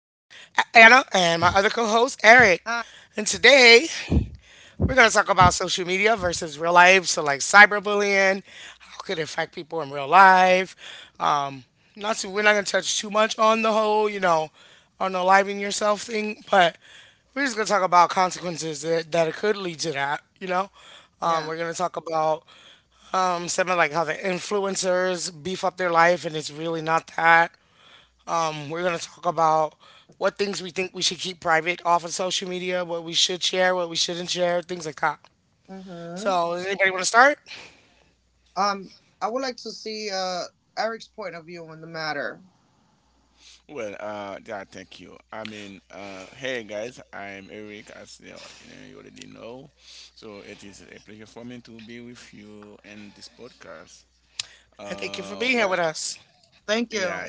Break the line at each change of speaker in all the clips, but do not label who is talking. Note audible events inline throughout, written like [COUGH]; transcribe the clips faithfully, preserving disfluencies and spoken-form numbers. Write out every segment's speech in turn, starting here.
Anna, and my other co host, Eric. And today, we're going to talk about social media versus real life. So, like cyberbullying, how could it affect people in real life? Um, not to, We're not going to touch too much on the whole, you know, on the living yourself thing, but we're just gonna talk about consequences that, that it could lead to, that, you know? Um, we're gonna talk about um, some of like how the influencers beef up their life and it's really not that. Um, we're gonna talk about what things we think we should keep private off of social media, what we should share, what we shouldn't share, things like that. So does anybody wanna start?
Well, uh, yeah, thank you. I mean, uh, hey guys, I'm Eric, as you know, you know- you already know. So it is a pleasure for me to be with you in this podcast.
And thank you for
Uh,
being here
well,
with us.
yeah,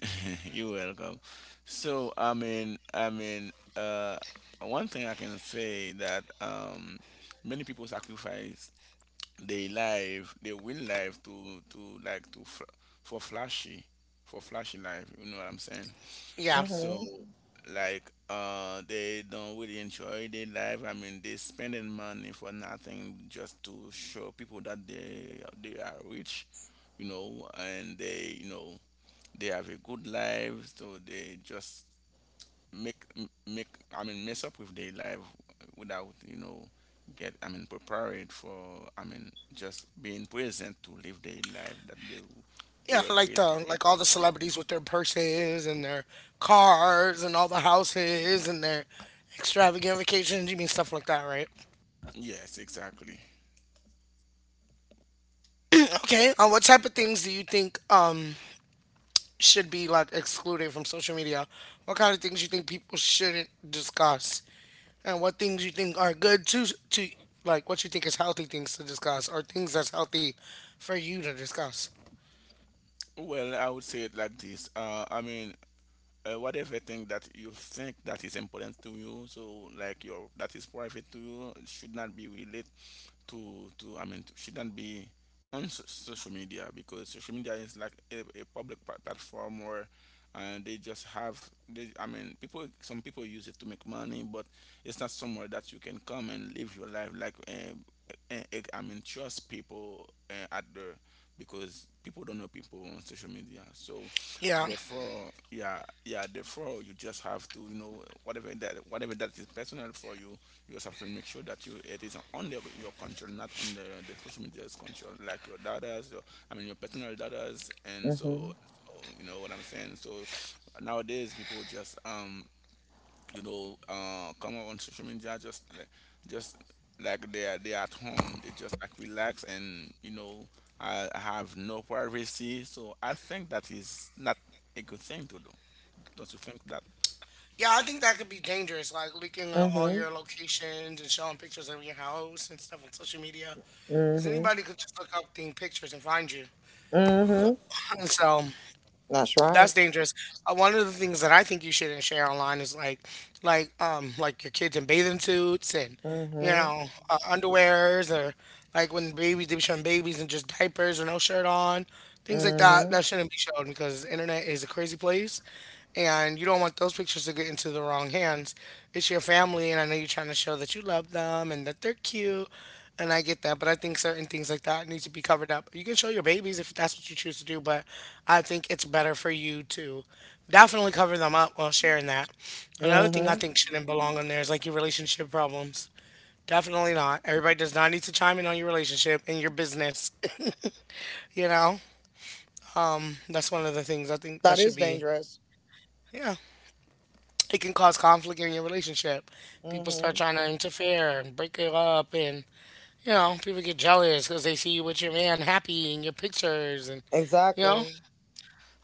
[LAUGHS] You're welcome. So, I mean, I mean, uh, one thing I can say that um, many people sacrifice their life, their will life to to like to fl- for flashy, for flashy life. You know what I'm saying?
Yeah.
So like uh they don't really enjoy their life. I mean, they spending money for nothing just to show people that they they are rich, you know, and they, you know, they have a good life. So they just make m- make, I mean mess up with their life without, you know, get, I mean prepared for, I mean just being present to live their life that they they
Yeah,
were
like
created to
the
live.
like all the celebrities with their purses and their cars and all the houses and their extravagant vacations. You mean stuff like that, right?
Yes, exactly.
[CLEARS THROAT] Okay. Uh, what type of things do you think Um, should be like excluded from social media? What kind of things you think people shouldn't discuss? And what things you think are good to to like what you think is healthy things to discuss or things that's healthy for you to discuss?
Well, I would say it like this. Uh, I mean, uh, whatever thing that you think that is important to you, so like your, that is private to you, should not be related to to I mean to, should not be on so- social media because social media is like a, a public pla- platform where uh, they just have they, i mean people, some people use it to make money, but it's not somewhere that you can come and live your life like uh, uh, uh, i mean trust people uh, at the, because people don't know people on social media. So
Yeah.
therefore, yeah, yeah. Therefore, you just have to, you know, whatever that, whatever that is personal for you, you just have to make sure that you, it is on the, your control, not on the, the social media's control, like your data's, your, I mean, your personal data's, and so, so, you know what I'm saying. So nowadays, people just um you know, uh, come on social media just like just like they are, they are at home. They just like relax, and you know, I have no privacy. So I think that is not a good thing to do. Don't you think that?
Yeah, I think that could be dangerous, like leaking uh, all your locations and showing pictures of your house and stuff on social media. Because anybody could just look up the pictures and find you. And so that's dangerous. Uh, one of the things that I think you shouldn't share online is like, like, um, like your kids in bathing suits and, you know, uh, underwears or like when babies they be showing babies in just diapers or no shirt on, things like that. That shouldn't be shown because the internet is a crazy place, and you don't want those pictures to get into the wrong hands. It's your family, and I know you're trying to show that you love them and that they're cute, and I get that, but I think certain things like that need to be covered up. You can show your babies if that's what you choose to do, but I think it's better for you to definitely cover them up while sharing that. Another thing I think shouldn't belong on there is like your relationship problems. Definitely not. Everybody does not need to chime in on your relationship and your business. [LAUGHS] you know, that's one of the things I think that should be. Yeah, it can cause conflict in your relationship. People start trying to interfere and break it up, and you know, people get jealous because they see you with your man happy in your pictures, and you know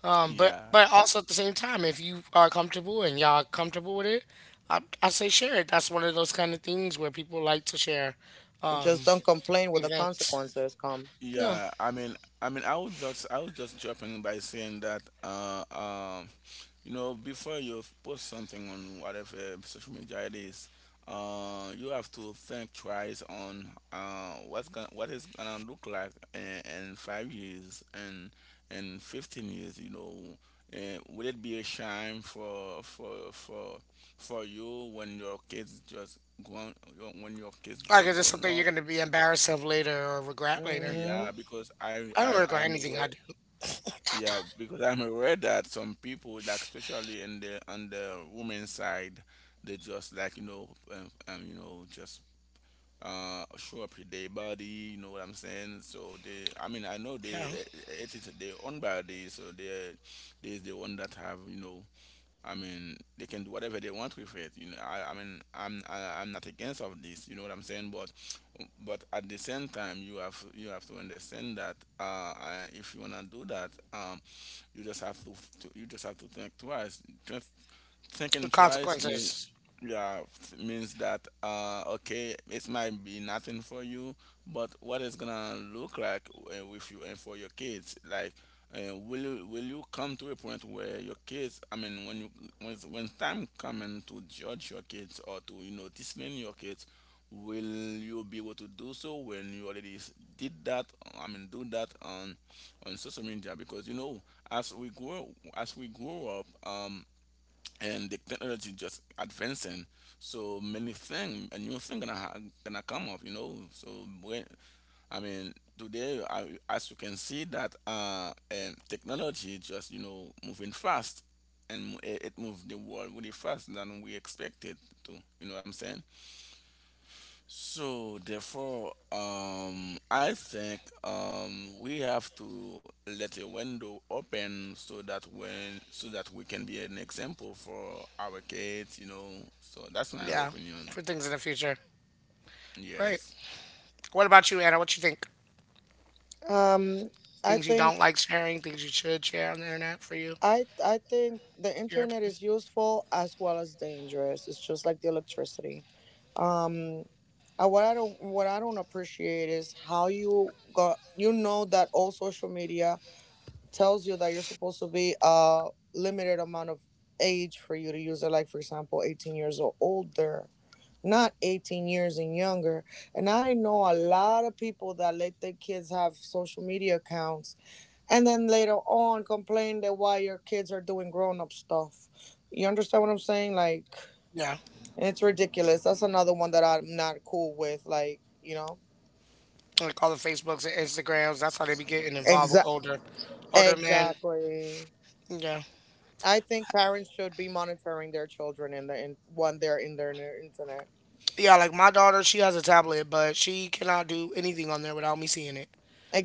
um but
Yeah,
but also at the same time if you are comfortable and y'all are comfortable with it, i, I say share it. That's one of those kind of things where people like to share um events, yeah.
yeah. I mean, I mean, I was just I was just jumping by saying that. Uh, You know, before you post something on whatever social media it is, uh, you have to think twice on uh, what's gonna, what it's gonna look like in, in five years and in fifteen years. You know, uh, will it be a shame for for for for you when your kids just grown when your kids
Like it's
just
just
grown
something you're
up?
going to be embarrassed of later or regret later.
Yeah, because I
I don't
I
regret
I'm
anything I
aware
do,
yeah, because I'm aware that some people, like especially in the on the women's side, they just like, you know, um, um, you know, just uh show up with their body. You know what I'm saying? So they, I mean, I know they,
yeah.
uh, it is their own body, so they they is the one that have, you know. I mean, they can do whatever they want with it. You know, I, I mean, I'm I, I'm not against of this. You know what I'm saying? But but at the same time, you have you have to understand that uh, I, if you wanna do that, Um, you just have to, to you just have to think twice. Just
The
thinking twice means,
consequences,
yeah f- means that, uh okay, it might be nothing for you, but what it's gonna look like uh, with you and for your kids like. Uh, will you will you come to a point where your kids, I mean, when you, when when time coming to judge your kids or to, you know, discipline your kids, will you be able to do so when you already s- did that, i mean do that on on social media? Because, you know, as we grow as we grow up, um, and the technology just advancing. So many thing, a new thing gonna ha- gonna come up, you know. So, when I mean today, I, as you can see that, uh, and technology just, you know, moving fast, and mo- it, it moved the world really fast than we expected to. You know what I'm saying? So therefore, um, I think, um, we have to let a window open so that when so that we can be an example for our kids, you know. So that's my
yeah,
opinion.
for things in the future, right.
Yes.
What about you, Anna? What you think, things you don't like sharing, things you should share on the internet for you, your opinion? Yeah. Like all the Facebooks and Instagrams. That's how they be getting involved with older older men. Yeah. Yeah, like my daughter, she has a tablet, but she cannot do anything on there without me seeing it.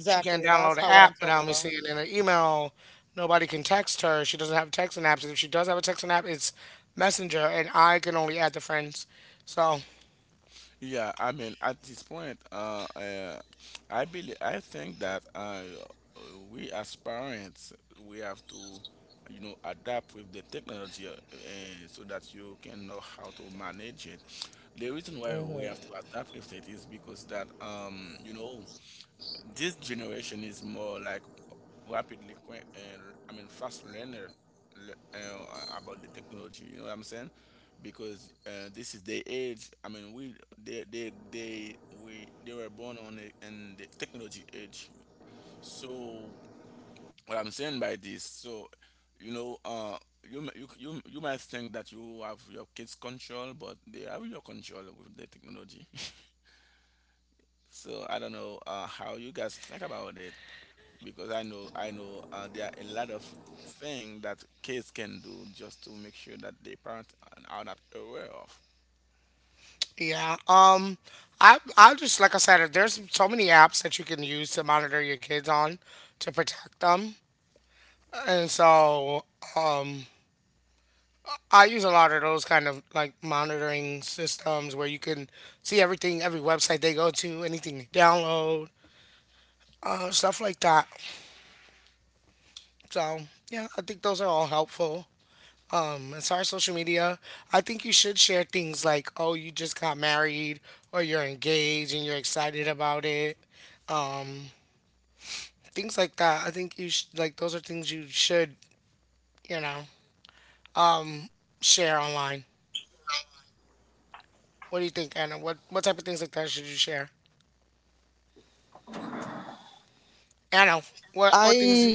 She can't download an app without me seeing it. And an email, nobody can text her. She doesn't have texting apps. If she does have a texting app, it's Messenger, and I can only add the friends. So
Yeah, I mean, at this point, uh, uh, I believe I think that, uh, we as parents we have to, you know, adapt with the technology, uh, eh, so that you can know how to manage it. The reason why we have to adapt with it is because that, um, you know, this generation is more like rapidly que- and I mean fast learner, le- uh, about the technology. You know what I'm saying? Because, uh, this is the age. I mean, we they they they we they were born on it, in the technology age. So what I'm saying by this, so, you know, uh, you m- you you you might think that you have your kids control, but they have your control with the technology. [LAUGHS] So I don't know uh, how you guys think about it, because I know I know, uh, there are a lot of things that kids can do just to make sure that their parents are not aware of.
yeah, um, I I just like I said, if there's so many apps that you can use to monitor your kids on, to protect them, and so um, I use a lot of those kind of like monitoring systems where you can see everything, every website they go to, anything they download, uh, stuff like that. So yeah, I think those are all helpful. Um, as far as social media, I think you should share things like, oh, you just got married, or you're engaged and you're excited about it. Um, Things like that. I think you sh- like those are things you should, you know, share online. What do you think, Anna? What what type of things like that should you share? Anna, what what things?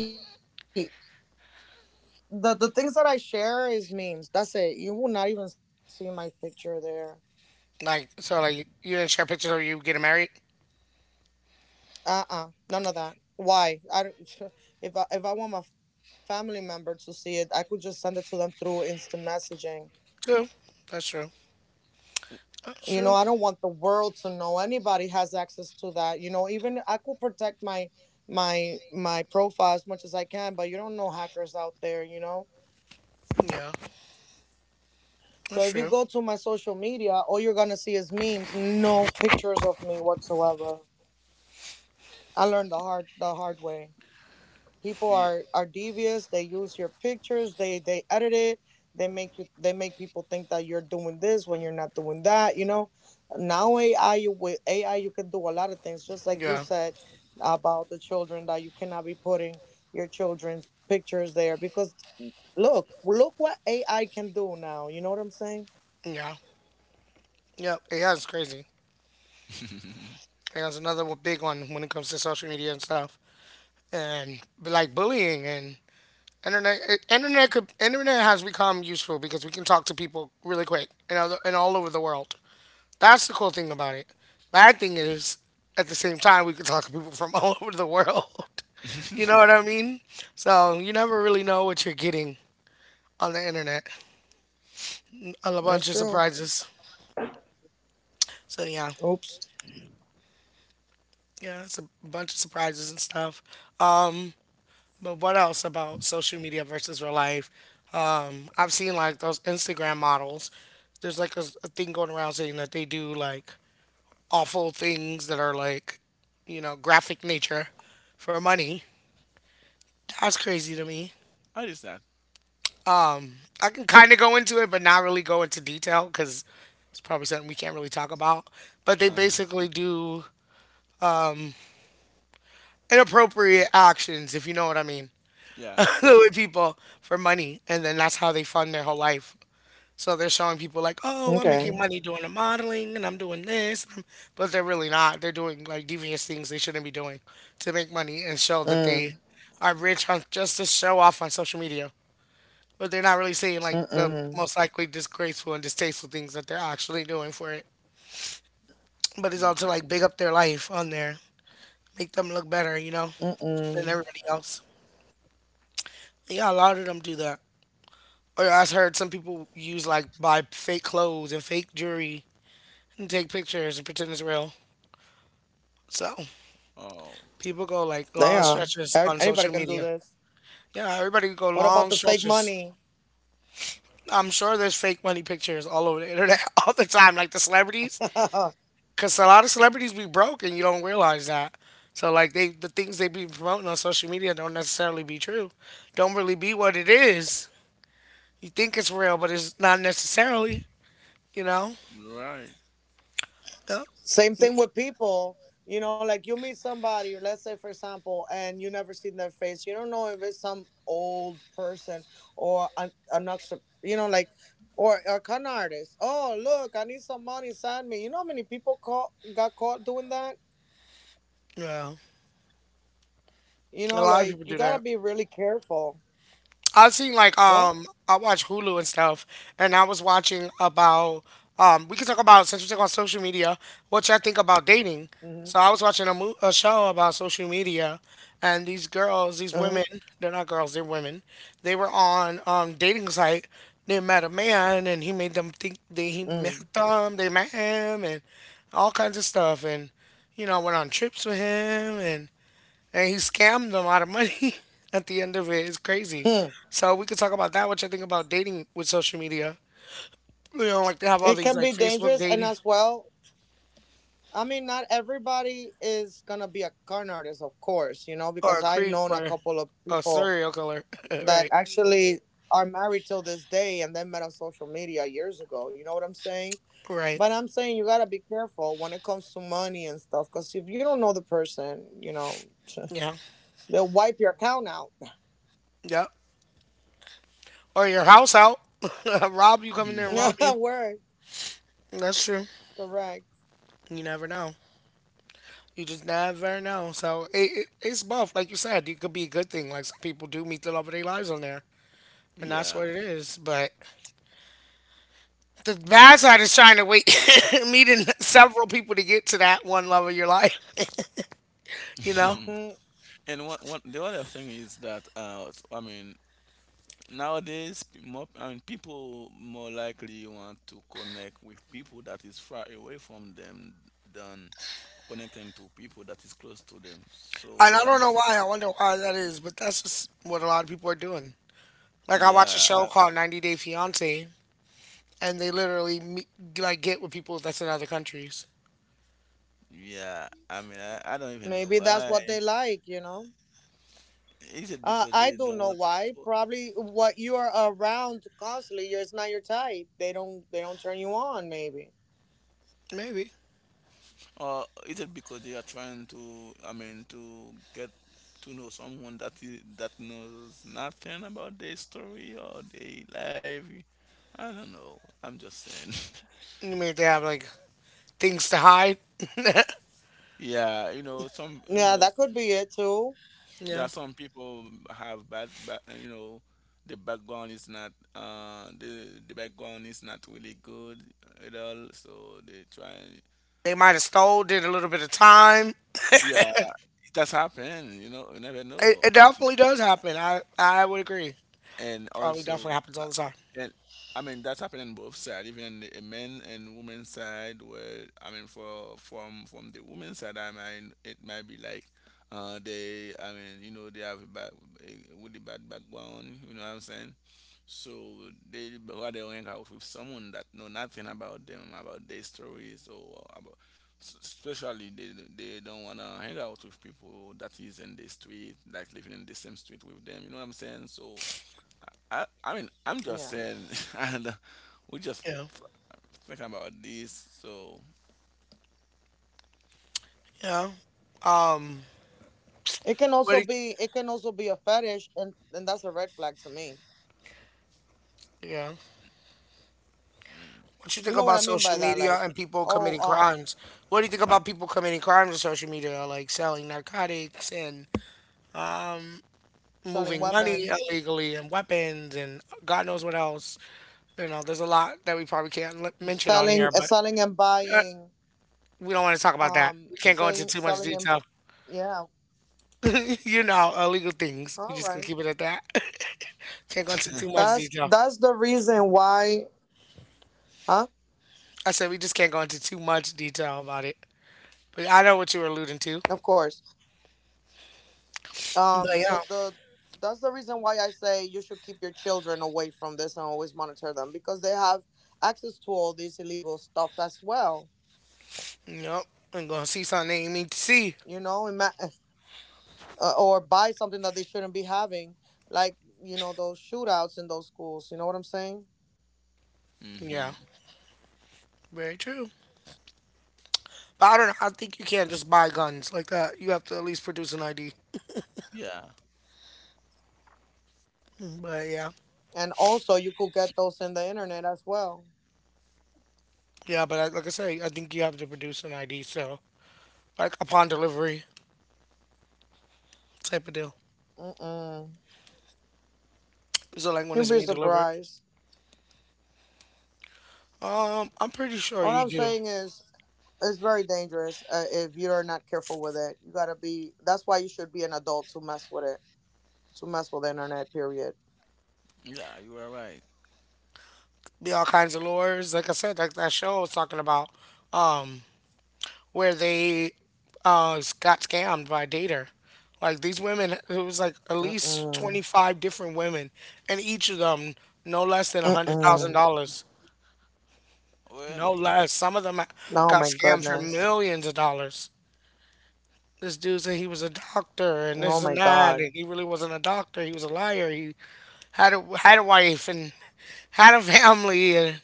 Like, so, like, you didn't share pictures of you getting married? True. That's true. That's true. Yeah. That's true.
Yeah.
Yeah. Yeah. Yep. Yeah, it's crazy.
[LAUGHS]
Yeah, it's another one- big one when it comes to social media and stuff. And, but like, bullying and internet, eh, internet could, internet has become useful because we can talk to people really quick and, other, and all over the world. That's the cool thing about it. Bad thing is, at the same time, we can talk to people from [LAUGHS] all over the world. [LAUGHS] You know what I mean? So you never really know what you're getting on the internet. A bunch of surprises. So yeah, yeah, it's a bunch of surprises and stuff. Um, but what else about social media versus real life? Um, I've seen like those Instagram models. There's like a, a thing going around saying that they do like awful things that are like, you know, graphic nature for money. That's crazy to me.
What is that?
I can kind of go into it, but not really go into detail because it's probably something we can't really talk about. But they
Uh,
basically do inappropriate actions, if you know what I mean,
yeah.
[LAUGHS] with people for money. And then that's how they fund their whole life. So they're showing people like, oh, I'm making money doing the modeling and I'm doing this. And I'm-" But they're really not. They're doing like devious things they shouldn't be doing to make money and show that they are rich on just to show off on social media. But they're not really saying like the most likely disgraceful and distasteful things that they're actually doing for it. But it's all to
Mm.
like big up their life on there, make them look better, you know, than everybody else. Yeah, a lot of them do that. Or I've heard some people use like buy fake clothes and fake jewelry and take pictures and pretend it's real. So
Oh,
people go like long stretches on social media. Yeah, everybody go long stretches. I'm sure there's fake money pictures all over the internet [LAUGHS] all the time, like the celebrities. Cause a lot of celebrities be broke and you don't realize that. So like they the things they be promoting on social media don't necessarily be true. Don't really be what it is. You think it's real, but it's not necessarily. You know?
right.
Yeah. Yeah. A lot of people do that. I've seen like um I watch Hulu and stuff, and I was watching about um we can talk about since we talk about social media, what y'all think about dating. So I was watching a mo- a show about social media, and these girls, these women, they're not girls, they're women. They were on um dating site. They met a man, and he made them think they he met them, they met him, and all kinds of stuff, and you know went on trips with him, and he scammed them out of money [LAUGHS] at the end of it. It's crazy. So we could talk about that, which I think about dating with social media. You know, like they have all these like Facebook dating [LAUGHS] or a creep or a serial killer. [LAUGHS] Right. Right. Yeah. Yep. Or your house out. [LAUGHS] Rob you, come in there and
Mhm.
rob you. That's true. You never know. You just never know. So it, it, it's both. Like you said, it could be a good thing. Like some people do meet the love of their lives on there. And
Yeah.
that's what it is. But the bad side is trying to wait, [LAUGHS] meeting several people to get to that one love of your life, you know?
[LAUGHS] And one, one, the other thing is that, uh, s- I mean nowadays pe- more I mean people more likely want to connect with people that is far away from them than connecting to people that is close to them. So what
And I
I'm,
don't know why. I wonder why that is, but that's just what a lot of people are doing. Like, I watch
yeah,
a
I,
show called ninety Day Fiancé, and they literally, meet, like, get with people that's in other countries.
yeah. I mean, I, I don't even know why. Is it because they don't want people,
Maybe.
or is it because they are trying to, I mean, to get to know someone that is, that knows nothing about their story or their life? I don't know. I'm just saying. [LAUGHS]
Maybe they have, like, things to hide.
Yeah, you know, some, you know, some, yeah,
Yeah.
some people have bad, bad, you know, the background is not, uh, the the background is not really good at all, so they try.
They might have stole, did a little bit of time.
Yeah, it has happened, you know, you never
It,
know.
it
Uh,
definitely does happen. I, I would agree.
And
Probably
also,
definitely happens all the time.
and I mean that's happening both sides, even the men and women side. Where I mean, for from from the women side, I mean it might be like, uh, they, I mean, you know, they have a bad, a really bad background. You know what I'm saying? So they rather hang out with someone that know nothing about them, about their stories or about, s- especially they they don't wanna hang out with people that is in the street, like living in the same street with them. You know what I'm saying? So, I, I mean, I'm just saying, [LAUGHS] and we're just
Yeah.
f- thinking about this. So,
Yeah. Um, what do you, yeah. What you think about social media and people committing crimes? What do you think about people committing crimes on social media, like selling narcotics and moving money illegally and weapons and God knows what else? You know, there's a lot that we probably can't li- mention on here, but uh, we don't want to talk about that. We can't go into too much detail. [LAUGHS] You know, illegal things. We just gonna keep it at that. [LAUGHS] Can't go into too much detail. I said we just can't go into too much detail about it. But I know what you were alluding to. But yeah. Yep. And gonna see something they ain't mean to see. Yeah.
hmm,
Very true. But I don't know. I think you can't just buy guns like that. You have to at least produce an I D.
yeah,
But yeah. Yeah, but I, like I say, I think you have to produce an I D. So, like upon delivery type of deal. So, like when it's being delivered. Um, I'm pretty sure you do.
yeah, you are right.
Be all kinds of lures. Like I said, like that show I was talking about. Um. Where they uh s- got scammed by Dater. Like these women, it was like at least twenty five different women, and each of them no less than a hundred thousand dollars,
Really?
no less. Some of them got scammed for millions of dollars. This dude said he was a doctor and this and that, and he really wasn't a doctor. He was a liar. He had a had a wife and had a family and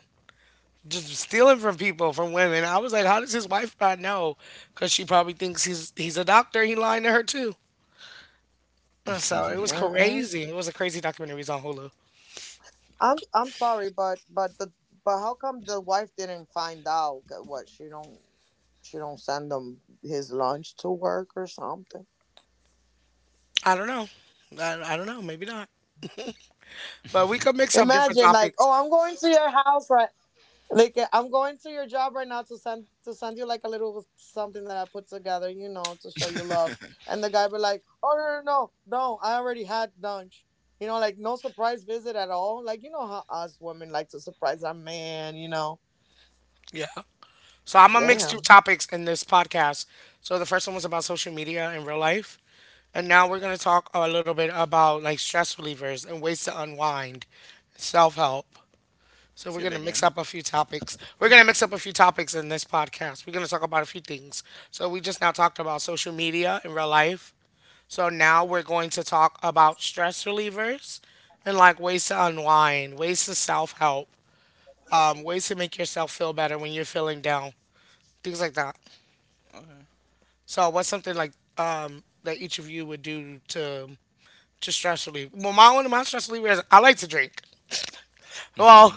just stealing from people, from women. I was like, how does his wife not know? Because she probably thinks he's he's a doctor. He lying to her too.
[LAUGHS]
Uh, So it was
Say
crazy. It was a crazy documentary. It on Hulu. I don't know. I, I don't know. Maybe not. But we could mix up different topics. Yeah. So I'm gonna mix two topics in this podcast. So the first one was about social media in real life, and now we're gonna talk a little bit about like stress relievers and ways to unwind, self help. So
it
we're gonna
again.
mix up a few topics. We're gonna mix up a few topics in this podcast. We're gonna talk about a few things. So we just now talked about social media in real life. So now we're going to talk about stress relievers and like ways to unwind, ways to self help, um, ways to make yourself feel better when you're feeling down, things like that.
Okay.
So what's something like um, that each of you would do to to stress relieve? Well, my one of my stress relievers, I like to drink.
[LAUGHS] So,
Well,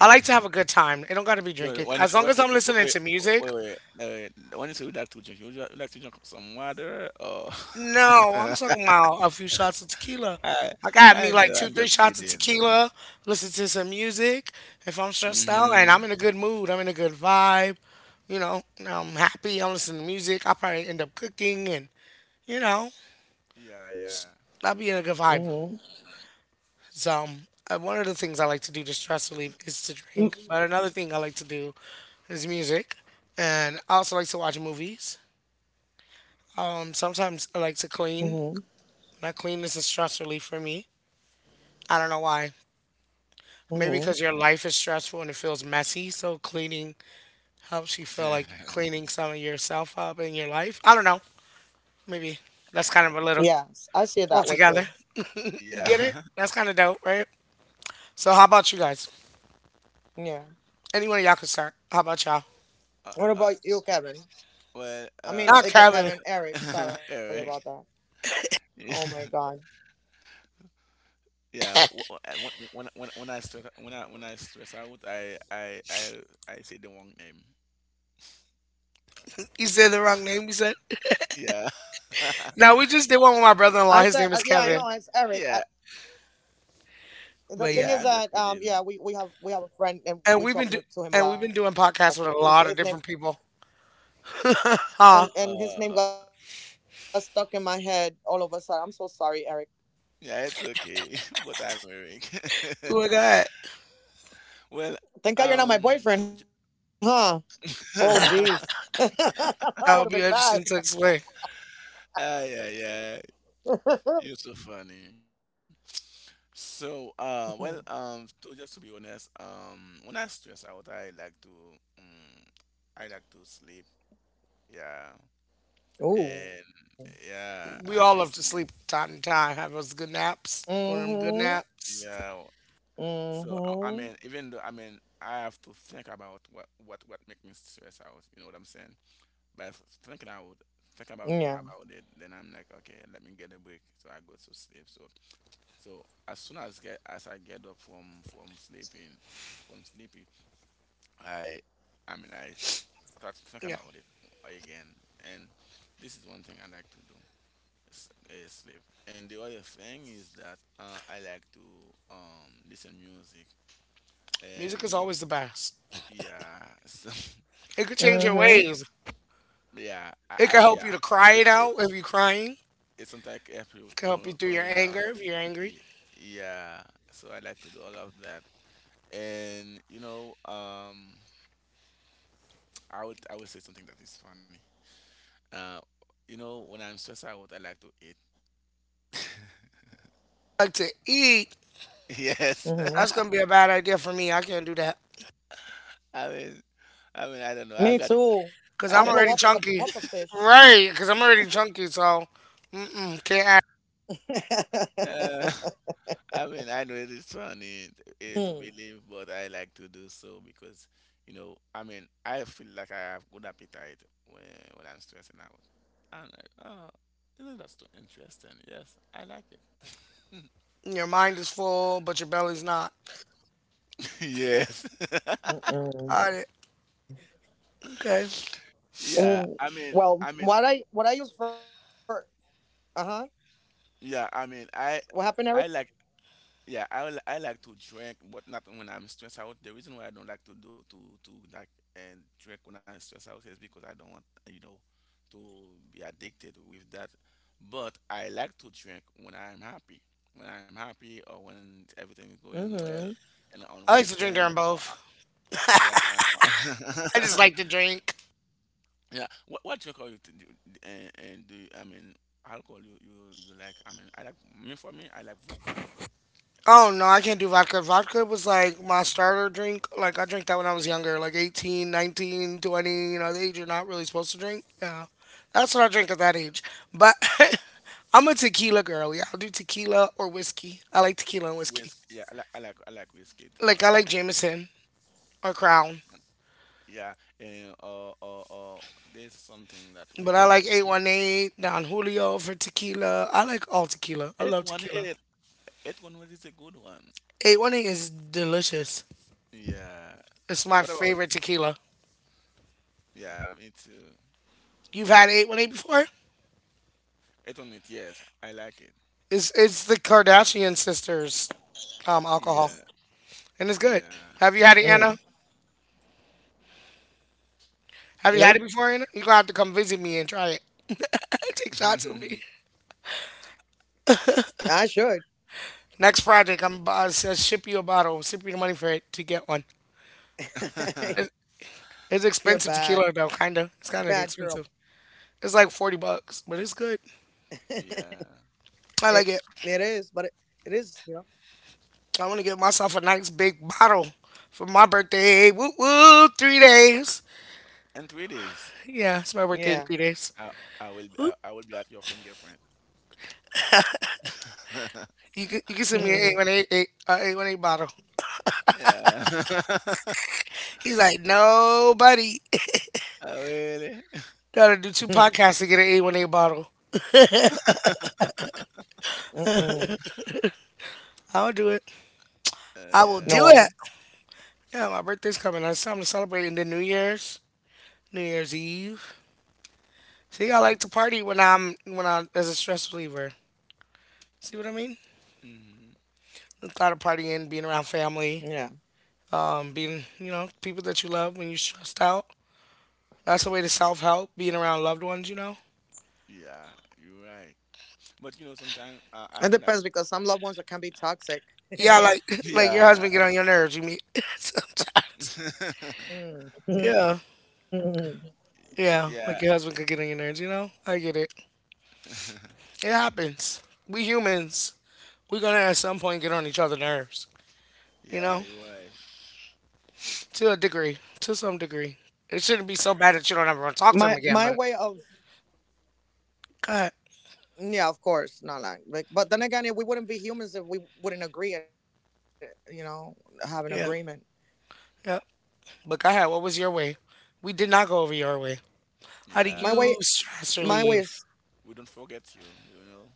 I like to have a good time. It don't got to be drinking.
when you
As
when,
long as
wait,
I'm
wait,
listening
wait,
to music.
wait, wait, uh, when you say you like to drink, would you, would like to drink some water or?
No,
[LAUGHS]
I'm talking about a few shots of tequila.
I
I got
I
me like
know,
two,
I'm
three
just
shots of
kidding.
tequila, listen to some music. If I'm stressed out and I'm
Hmm.
in a good mood, I'm in a good vibe, you know, and I'm happy, I'm listening to music, I'll probably end up cooking and, you know,
Yeah, yeah.
I'll be in a good vibe. So, um, uh, one of the things I like to do to stress relief is to drink. But another thing I like to do is music. And I also like to watch movies. Um, sometimes I like to clean. When I clean, it's a stress relief for me. I don't know why. Maybe because your life is stressful and it feels messy, so cleaning helps you feel like you're
[LAUGHS]
cleaning some of yourself up in your life. I don't know. Maybe that's
Yeah.
kind of a little pull together. You
Yeah.
get it?
[LAUGHS]
That's kind of dope, right? So how about you guys? Anyone of y'all can start. How about y'all?
Uh, uh, well,
Not
uh,
Kevin. [LAUGHS]
[LAUGHS] Eric. [LAUGHS] Yeah, wh- wh- when when when I stress, when I when I stress out, I I I I say the wrong name.
You said the wrong name. You said.
Yeah, [LAUGHS]
No, we just did one with my brother-in-law. His name is
yeah,
Kevin.
yeah,
But yeah,
yeah. I'm just kidding.
and we've been do and we've been doing podcasts with a lot of different people. [LAUGHS]
Yeah,
Huh?
uh, uh, yeah, it's okay. [LAUGHS] But I'm Eric. [LAUGHS]
Who was that?
Well, um, ju- ju- [LAUGHS] ah,
That would be interesting to explain.
yeah, yeah. You're so funny. So, uh, well, um, to, just to be honest, um, when I stress out, I like to, um, I like to sleep. Yeah, and yeah,
We
I
all
can
love to
sleep.
sleep time to time, have those good naps, one of them good naps.
Yeah. So I, I mean, even though, I mean, I have to think about what what what make me stress out. You know what I'm saying? But thinking out, think about about it, then I'm like, okay, let me get a break. So I go to sleep. So so as soon as get as I get up from from sleeping, from sleepy, I I mean, I s- start thinking
Yeah,
about it again, and this is one thing I like to do, s- uh, sleep. And the other thing is that, uh, I like to, um, listen music,
music is
and
always the best.
yeah, so, [LAUGHS]
It could change your ways.
yeah, I,
It could
I
help
yeah,
you to cry it
it's ca-
out if you're crying.
it's sometimes if you
It could help you
cool,
through your
cool
anger
down,
if
y-
you're angry.
y- yeah. So I like to do all of that, and you know, um, I would I would say something that is funny. Uh, you know, when I'm stressed out, I like to eat.
Like to eat,
[LAUGHS] Yes,
that's gonna be a bad idea for me. I can't do that
[LAUGHS] I mean, I mean, I don't know. I got
because
I
I'm
got.
already
good-
chunky. Right, because I'm already chunky, so mm-mm, can't add.
Uh, [LAUGHS] I mean, I know it is funny t- eh, to believe, but I like to do so because, you know, I mean, I feel like I have good appetite when when I'm stressing out. I'm like, oh, isn't that so interesting? Yes, I like it.
Your mind is full, but your belly's not.
[LAUGHS] Yes.
Got it. Okay.
Yeah, I mean, I mean, yeah, I mean, I, I like, yeah, I, li- I like to drink, but not when I'm stressed out. The reason why I don't like to do to to like and drink when I'm stressed out is because I don't want, you know, to be addicted with that. But I like to drink when I'm happy. When I'm happy or when everything is going well and on
I like to drink
weekend
during
or
both. [LAUGHS]
yeah,
I
I,
just
[LAUGHS]
like to drink.
yeah. What what drink are you to do, and, and do I mean alcohol you, you you like? I mean I like me for me I like vodka.
Oh no, I can't do vodka. Vodka was like my starter drink. Like I drank that when I was younger, like eighteen, nineteen, twenty. You know, the age you're not really supposed to drink. Yeah. That's what I drink at that age. But [LAUGHS] I'm a tequila girl. Yeah, I'll do tequila or whiskey. I like tequila and whiskey.
Whisk yeah I like I like I like whiskey
Like I like
also.
Jameson or Crown.
Yeah, and or or or there's something that we
But I
ca- I
like
mean
eight one eight, Don Julio for tequila. I like all tequila. I
eight
love
one
tequila.
eight eight one eight is a good one.
eight one eight is delicious.
Yeah.
It's
So
my
what about?
favorite tequila.
Yeah, me too.
You've had eight one eight before?
Eight on it. Yes, I like it.
It's it's the Kardashian sisters um alcohol.
Yeah.
And it's good.
Yeah.
Have you had it, Anna? Have you had it before, Anna? You're gonna have to come visit me and try it. [LAUGHS] Take shots with me.
[LAUGHS]
Next project, I'm uh, I'll ship you a bottle. Ship you the money for it to get one. It's, it's expensive tequila though, kinda. It's kinda expensive. It's like forty bucks, but it's good.
yeah.
I like it. I want to get myself a nice big bottle for my birthday. Woo woo, three days.
In three days,
Yeah, it's my birthday in three days.
I I will I, I will be at your fingerprint. [LAUGHS]
You can you can send me an eight one eight eight uh, eight one eight bottle.
yeah. [LAUGHS]
He's like, nobody
Oh, really?
[LAUGHS] gotta do two podcasts to get an A one A bottle. I'll do it.
Uh,
I will
yeah.
do it. Yeah, my birthday's coming. It's time to celebrate in the New Year's, New Year's Eve. See, I like to party when I'm when I'm as a stress reliever. See what I mean?
hmm
The thought of partying, being around family, um, being you know people that you love when you're stressed out. That's a way to self help. Being around loved ones, you know.
Yeah, you're right. But you know, sometimes uh, I don't like.
Yeah, like [LAUGHS] like your
Yeah,
husband get on your nerves. You mean [LAUGHS] sometimes.
[LAUGHS]
Yeah, yeah. Like
yeah.
your husband could get on your nerves, you know? I get it.
[LAUGHS]
It happens. We humans, we're gonna at some point get on each other's nerves, you
yeah,
know,
you're right.
to a degree, to some degree. It shouldn't be so bad that you don't ever want to talk to them again, but go ahead. Yeah, yeah. But go ahead. What was your way? We did not go over your way. How do
Yeah.
you stress
We we
relieve?
don't we don't forget you. You know.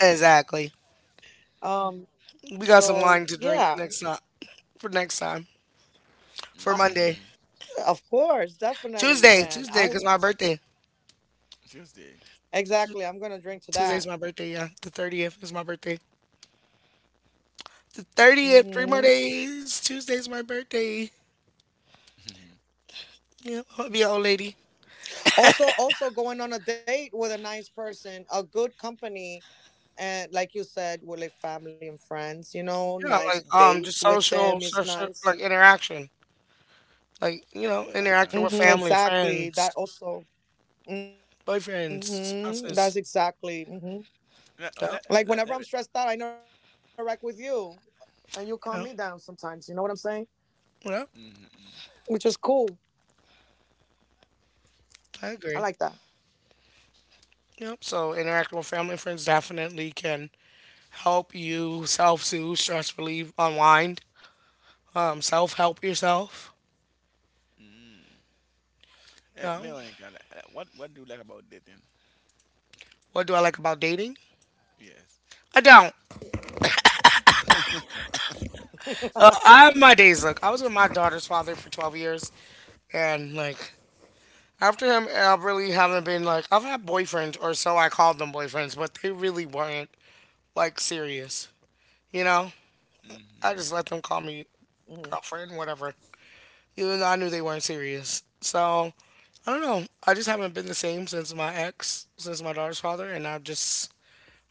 Exactly. We got some wine to drink next time for next time for Monday,
Mhm.
Tuesday, Tuesday, cause my birthday.
Tuesday.
Tuesday's my birthday. Yeah, the thirtieth is my birthday. The thirtieth, three more days. Tuesday's my birthday.
Mhm.
Yeah, I would be an old lady. Yeah, like um, just social, social, like interaction, like you know, interacting
Yeah.
with family, friends, boyfriends, spouses.
Let,
Yep,
let, let, let me.
yeah, yep.
Mhm.
I agree. Yep. So interacting with family and friends definitely can help you self soothe, stress relieve, unwind, um, self help yourself.
Mm. Eh,
Yeah.
Veronica, le- eh, what what do you like about dating?
What do I like about dating?
Yes.
I don't. Uh, I have my days. Look, I was with my daughter's father for twelve years, and like after him, I really haven't been like, I've had boyfriends, or so I called them boyfriends, but they really weren't like serious. You know? I
hmm
just let them call me girlfriend, whatever. Even though I knew they weren't serious. So, I don't know. I just haven't been the same since my ex, since my daughter's father, and I've just,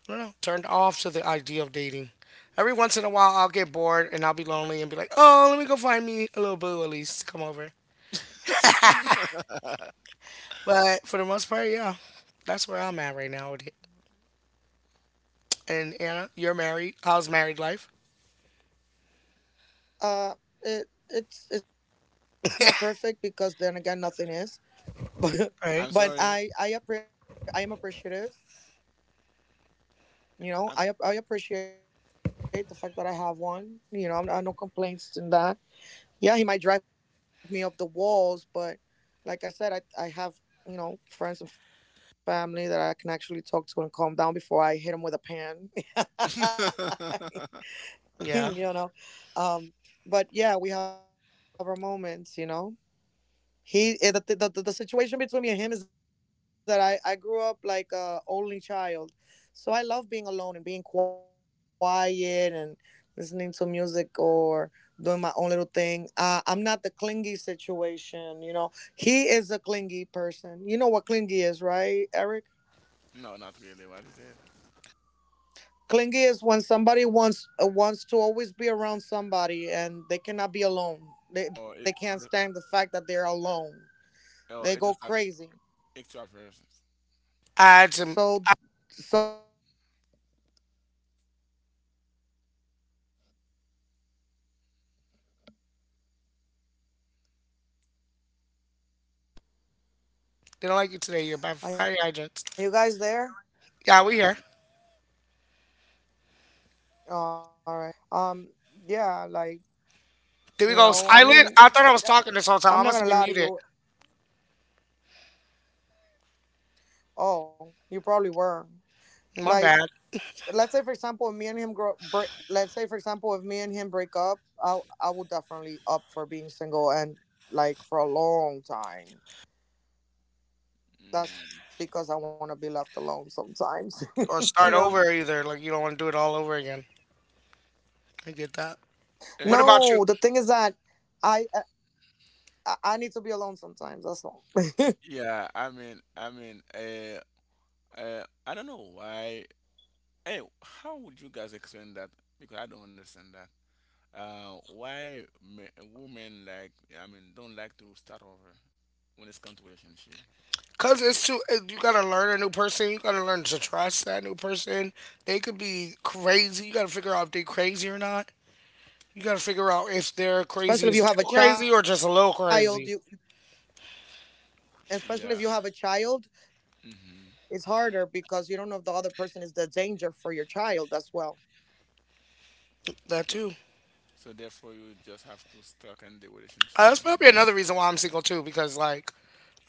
I don't know, turned off to the idea of dating. Every once in a while, I'll get bored and I'll be lonely and be like, oh, let me go find me a little boo at least to come over. But for the most part, yeah, that's where I'm at right now with it. And Anna, you're married. How's married life?
I'm
Right.
sorry. I'm [LAUGHS]
Yeah.
no, not really. What is it? Or it? ju- Oh, it just like extra versions.
I had some. They don't like you today. You're bad. Hi, agents. Yeah, we
Yeah.
here. Did we go silent? I thought I was talking this whole time. I must have been muted. My bad.
Mm.
Or start
Mhm.
over either. Like you don't want to do it all over again. I get that. What
Eh,
about you?
yeah. I mean, I mean, uh, uh, I don't know why. Hey, how would you guys explain that? Because I don't understand Uh, why men, women like I mean don't like to start over when it's come to relationship.
Cause it's too. it- You gotta learn a new person. You gotta learn to trust that new person. They could be crazy. You gotta figure out if they crazy or not. You gotta figure out if they're crazy is too crazy or just a little crazy.
Yeah. hmm
That
So
too.
so therefore you just have to stuck in the relationship
Uh, that's
even
probably another reason why I'm single too, because like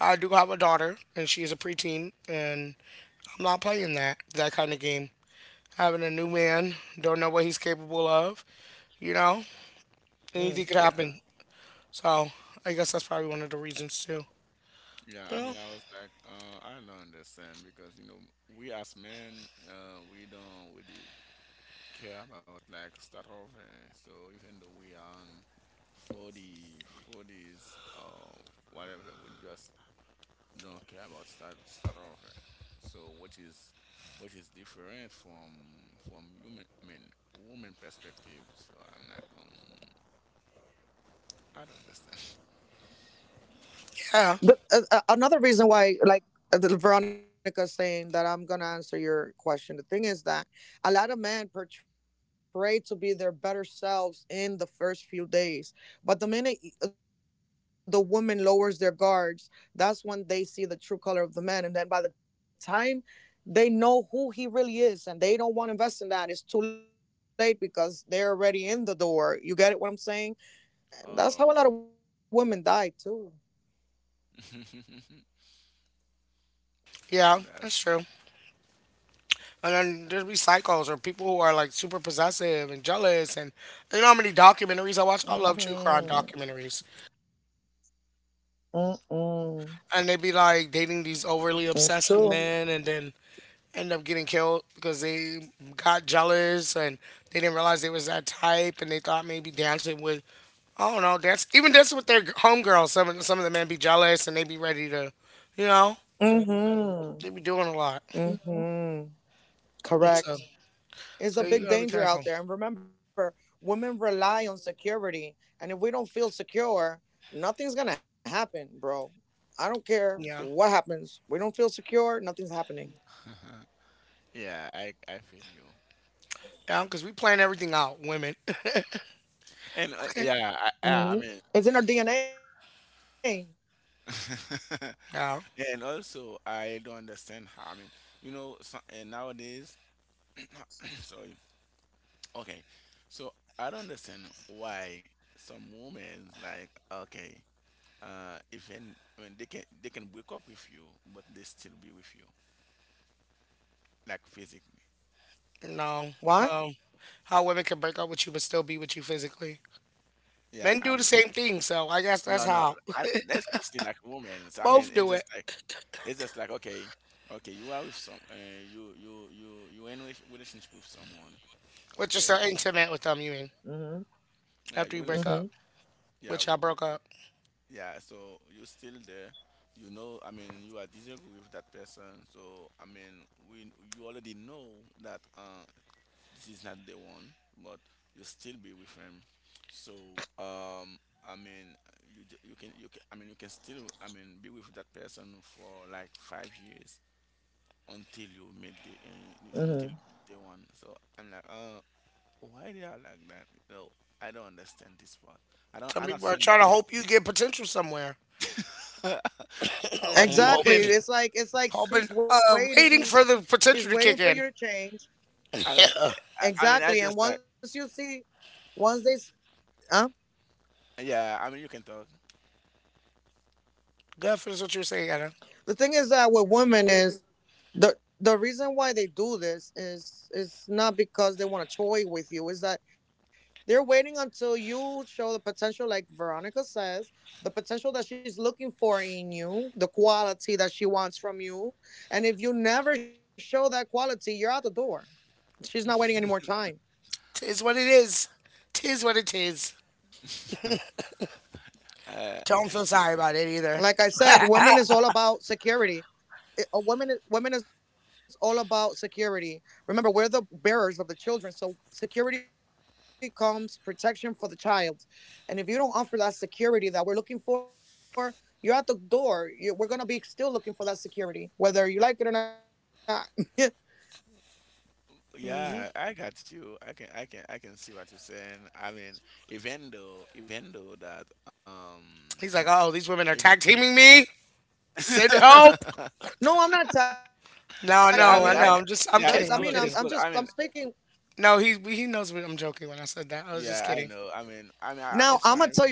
I do have a daughter and she is a preteen, and I'm not playing that that kind of game. Having a new man, don't know what he's capable of. You know, anything could
yeah.
happen. So I guess that's probably one of the reasons too.
Yeah, I
Well,
mean I was like, uh, I don't understand because you know, we as men, uh, we don't really care about like start over. So even though we are on forty, forties or whatever, we just don't care about start start over. So what is what is different from from human I mean woman perspective. So I'm like um I don't understand. [LAUGHS]
yeah,
Oh, [LAUGHS]
yeah,
that's
that's true. And then there'll be psychos or people who are like super possessive and jealous. And you know how many documentaries I watch? I love true crime documentaries. And they would be like dating these overly obsessive men, and then end up getting killed because they got jealous and they didn't realize they was that type and they thought maybe dancing with, I don't know, dance even dancing with their homegirls. Some some of the men be jealous and they be ready to, you know, they be doing a lot. And so so you
int-
gotta be careful. Yeah,
[LAUGHS] yeah. I I feel you.
yeah, because we plan everything out, women. [LAUGHS]
And uh,
Okay,
yeah, I, I, I mean, [LAUGHS]
yeah,
and also I don't understand how. I mean, you know, so, and nowadays, [COUGHS] [CLEARS THROAT] sorry. Okay, so I don't understand why some women like okay, uh, even when they can they can break up with you, but they still be with you, like physically.
no, um, how women can break up with you but still be with you physically.
Yeah,
Men
I
do the
mean,
same thing, so I guess that's
no, no,
how.
I, that's mostly like women. So,
[LAUGHS]
I mean,
Both
it's
do
just
it.
like it's just like okay, okay, you are with some, uh, you you you you in a relationship with someone, uh,
But
with
you're
your,
still
someone.
intimate with them, you mean?
Yeah, you
After you
in a
break
relationship.
up.
Yeah,
Which I broke up.
yeah so you're still there you know I mean you are disagree with that person so I mean we you already know that uh this is not the one but you still be with him so um i mean you ju- you can you can I mean you can still I mean be with that person for like five years until you meet the uh, you- until you meet the one so I'm like uh why they are like that you know I don't understand this part I don't
Some
I'm not
people are
saying that
trying to
it,
hope you get potential somewhere.
[LAUGHS] what do
I'm
you mean
hoping. Hoping, uh, waiting for the potential to kick in.
I mean, I, I mean, I just like, yeah. I mean, you can talk.
Go ahead, finish what you were saying, Anna.
[LAUGHS]
Tis what it is. Tis what it is.
uh,
Don't feel
it's the-
sorry about it either.
yeah. I got you. I can, I can, I can see what you're saying. I mean, even though, even though that, um,
He's like, oh, these women are
even,
tag teaming me. Send help.
[LAUGHS]
No,
yeah. I
no,
mean,
I
I,
know. I'm just, I'm
yeah. It's
kidding.
cool.
I'm
It's
kidding.
cool. I mean,
No, he he knows what I'm joking when I said that. I was just
yeah. I
kidding.
know. I mean, I mean, I, it's fine.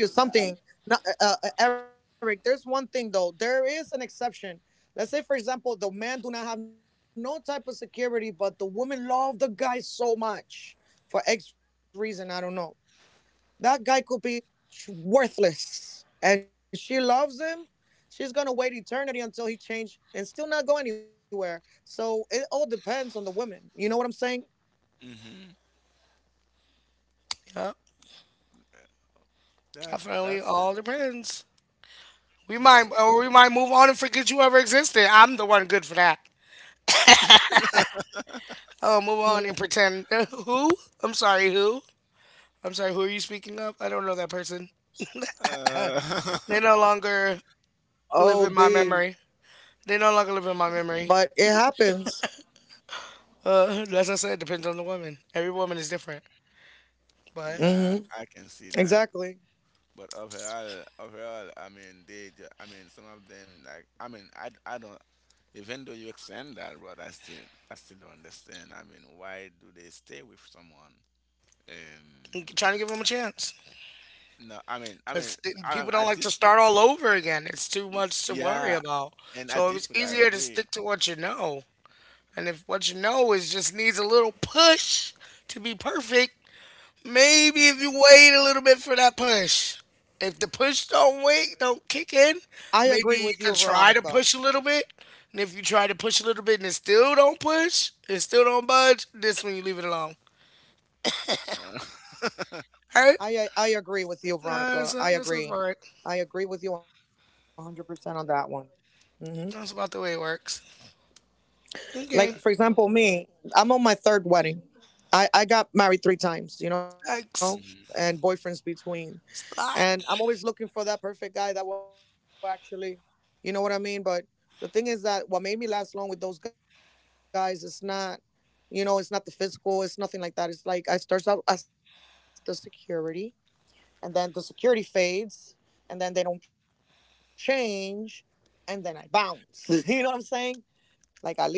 Hmm
Yep,
That's
definitely
that's uh,
all depends. We
that's
might, or we might move on and forget you ever existed. I'm the one good for that. Oh, move on and pretend. [LAUGHS] Who? I'm sorry, who? I'm sorry, who are you speaking of? I don't know that person. They
uh,
no longer live in my memory. They no longer live in my memory. Uh, as I said, depends on the woman. Every woman is different.
[LAUGHS]
But
yeah. I can see that. But overall, overall, I mean, they, ju- I mean, some of them, like, I mean, I, I don't, even though you extend that, but I still, I still don't understand. I mean, why do they stay with someone?
I'm
Um,
trying to give them a chance.
no, I mean, I mean,
Because
I,
people
I-
don't
at
like to
this point,
start all over again. It's too
y-
much to worry
yeah,
about.
and at
So
this
it's
point, I
easier to
agree.
stick to what you know, and if what you know is just needs a little push to be perfect. Maybe if you wait a little bit for that push. If the push don't wait, don't kick in, maybe you can try to push a little bit. And if you try to push a little bit and it still don't push, it still don't budge, this when you leave it alone.
Uh, [LAUGHS]
All right? Uh, that's, that sounds about right. That's about the way it works. Okay.
yeah.
Thanks.
hmm
It's a lot.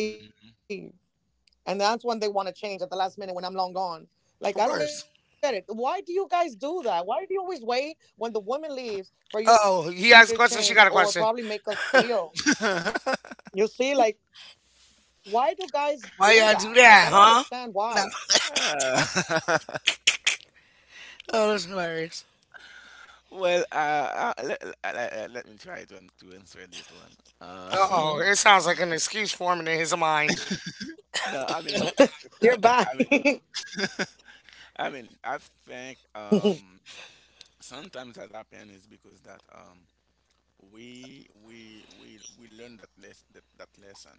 hmm
Of course. Oh, he asked a question. She got a question.
[LAUGHS]
Why y'all do that, huh? No.
Uh,
Oh, that's hilarious.
[LAUGHS] well, uh, uh, let, let, let me try to, an- to answer this one. Uh,
Uh oh. It sounds like an excuse forming in his mind.
[LAUGHS] no, I mean, I, I mean, [LAUGHS] I mean, I think um, sometimes that happens is because that um, we we we we learn that les- that, that lesson.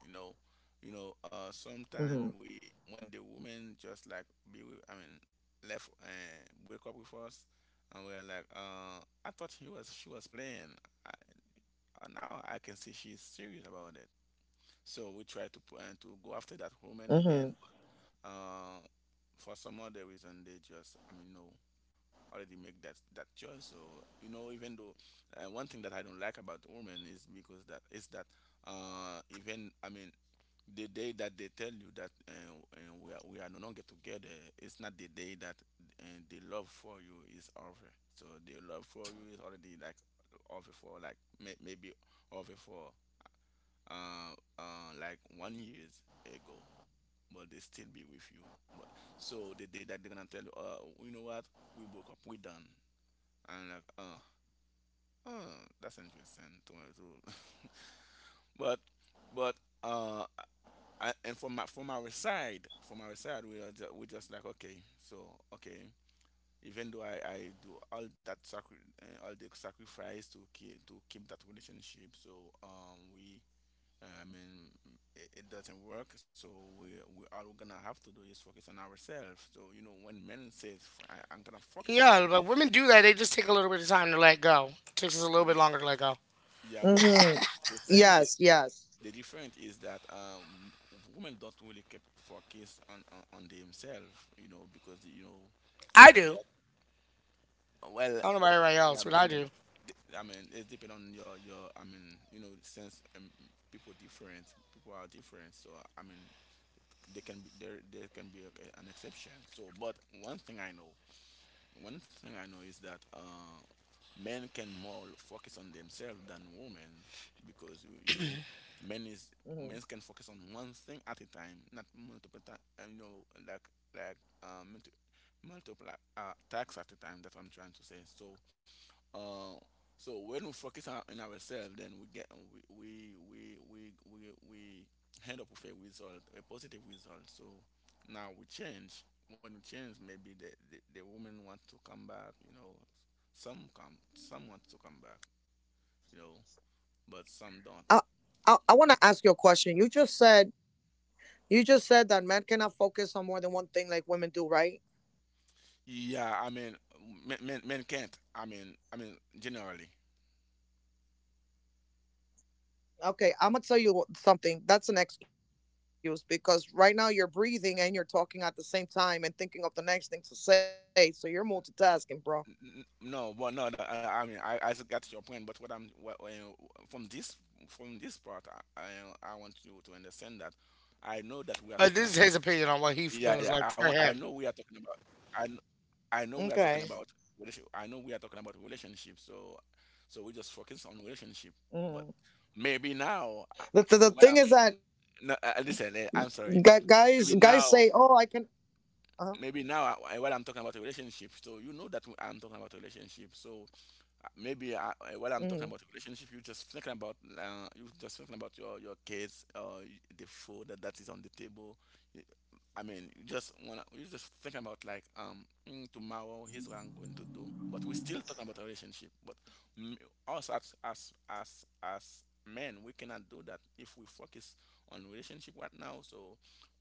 You know, you know. Uh, sometimes we when the women just like be with, I mean, left uh, wake up with us, and we are like, uh, I thought he was she was playing. I, uh, now I can see she's serious about it. So we try to pu- uh, to go after that woman again, but uh, for some other reason they just I mean no. already make that that choice. So you know, even though uh, one thing that I don't like about women is because that is that uh, even I mean the day that they tell you that uh, uh, we are we are no longer together, it's not the day that uh, the love for you is over. So the love for you is already like over for like may, maybe over for uh, uh, like one years ago, but they still be with you. But so the day that they're gonna tell you, uh, you know what, we broke up, we done. I'm like, oh, oh, that's interesting to to- [LAUGHS] but but uh, I, and from my, from our side, from our side, we are just, we just like okay, so okay. Even though I, I do all that sacri- uh, all the sacrifice to keep to keep that relationship, so um we uh, I mean it, it doesn't work. So we we all we're gonna have to do is focus on ourselves. So you know when men says "F- I, am gonna focus on my
Yeah, but women do that. They just take a little bit of time to let go. Takes us a little
we
bit longer to let go.
Yeah, but the, th- the thing is, the difference is that um, women don't really keep focus on, on on themselves, you know, because you know,
I
they
do.
don't- well,
I don't know about everybody
yeah,
else, but
m-
I do.
th- I mean, it's depend on your your. I mean, you know, since um, people different, people are different, so I mean, they can be there. There can be a, an exception. So, but one thing I know, one thing I know is that. Uh, men can more focus on themselves than women because you, you know men is men can focus on one thing at a time not multiple time you know like like um multi- multiple uh, tasks at a time that's what I'm trying to say so uh, so when we focus on, on ourselves, then we get we we we we we, we end up with a result, a positive result. So now we change. When we change, maybe the the, the woman wants to come back. You know, some come, some wants to come back. You know, but some don't. Yeah, I mean, men men, men can't. I mean, I mean generally. N- No, but no, no, I, I mean, I, I got your point, but what I'm what, uh, from this from this part, I, I I want you to understand that I know that we are
But
talking
this is
about
his opinion on what he
yeah, yeah.
feels
I
like
want,
for
I know
him.
we are talking about I kn- I know we are talking about relationship. I know we are talking about relationship. So so we just focus on relationship, but maybe now, I, I- what I'm no, uh, listen, eh, I'm sorry. Maybe now, maybe now, I, I- what I'm talking about a relationship. So you know that I'm talking about a relationship. So maybe I, eh, while I'm talking about relationship, you just thinking about uh, you just thinking about your your kids or the food that, that is on the table. You, I mean, you just wanna you just thinking about like um mm, tomorrow here's what I'm going to do, but we're still talking about a relationship. But mm, us as as as as men, we cannot do that if we focus on relationship right now. So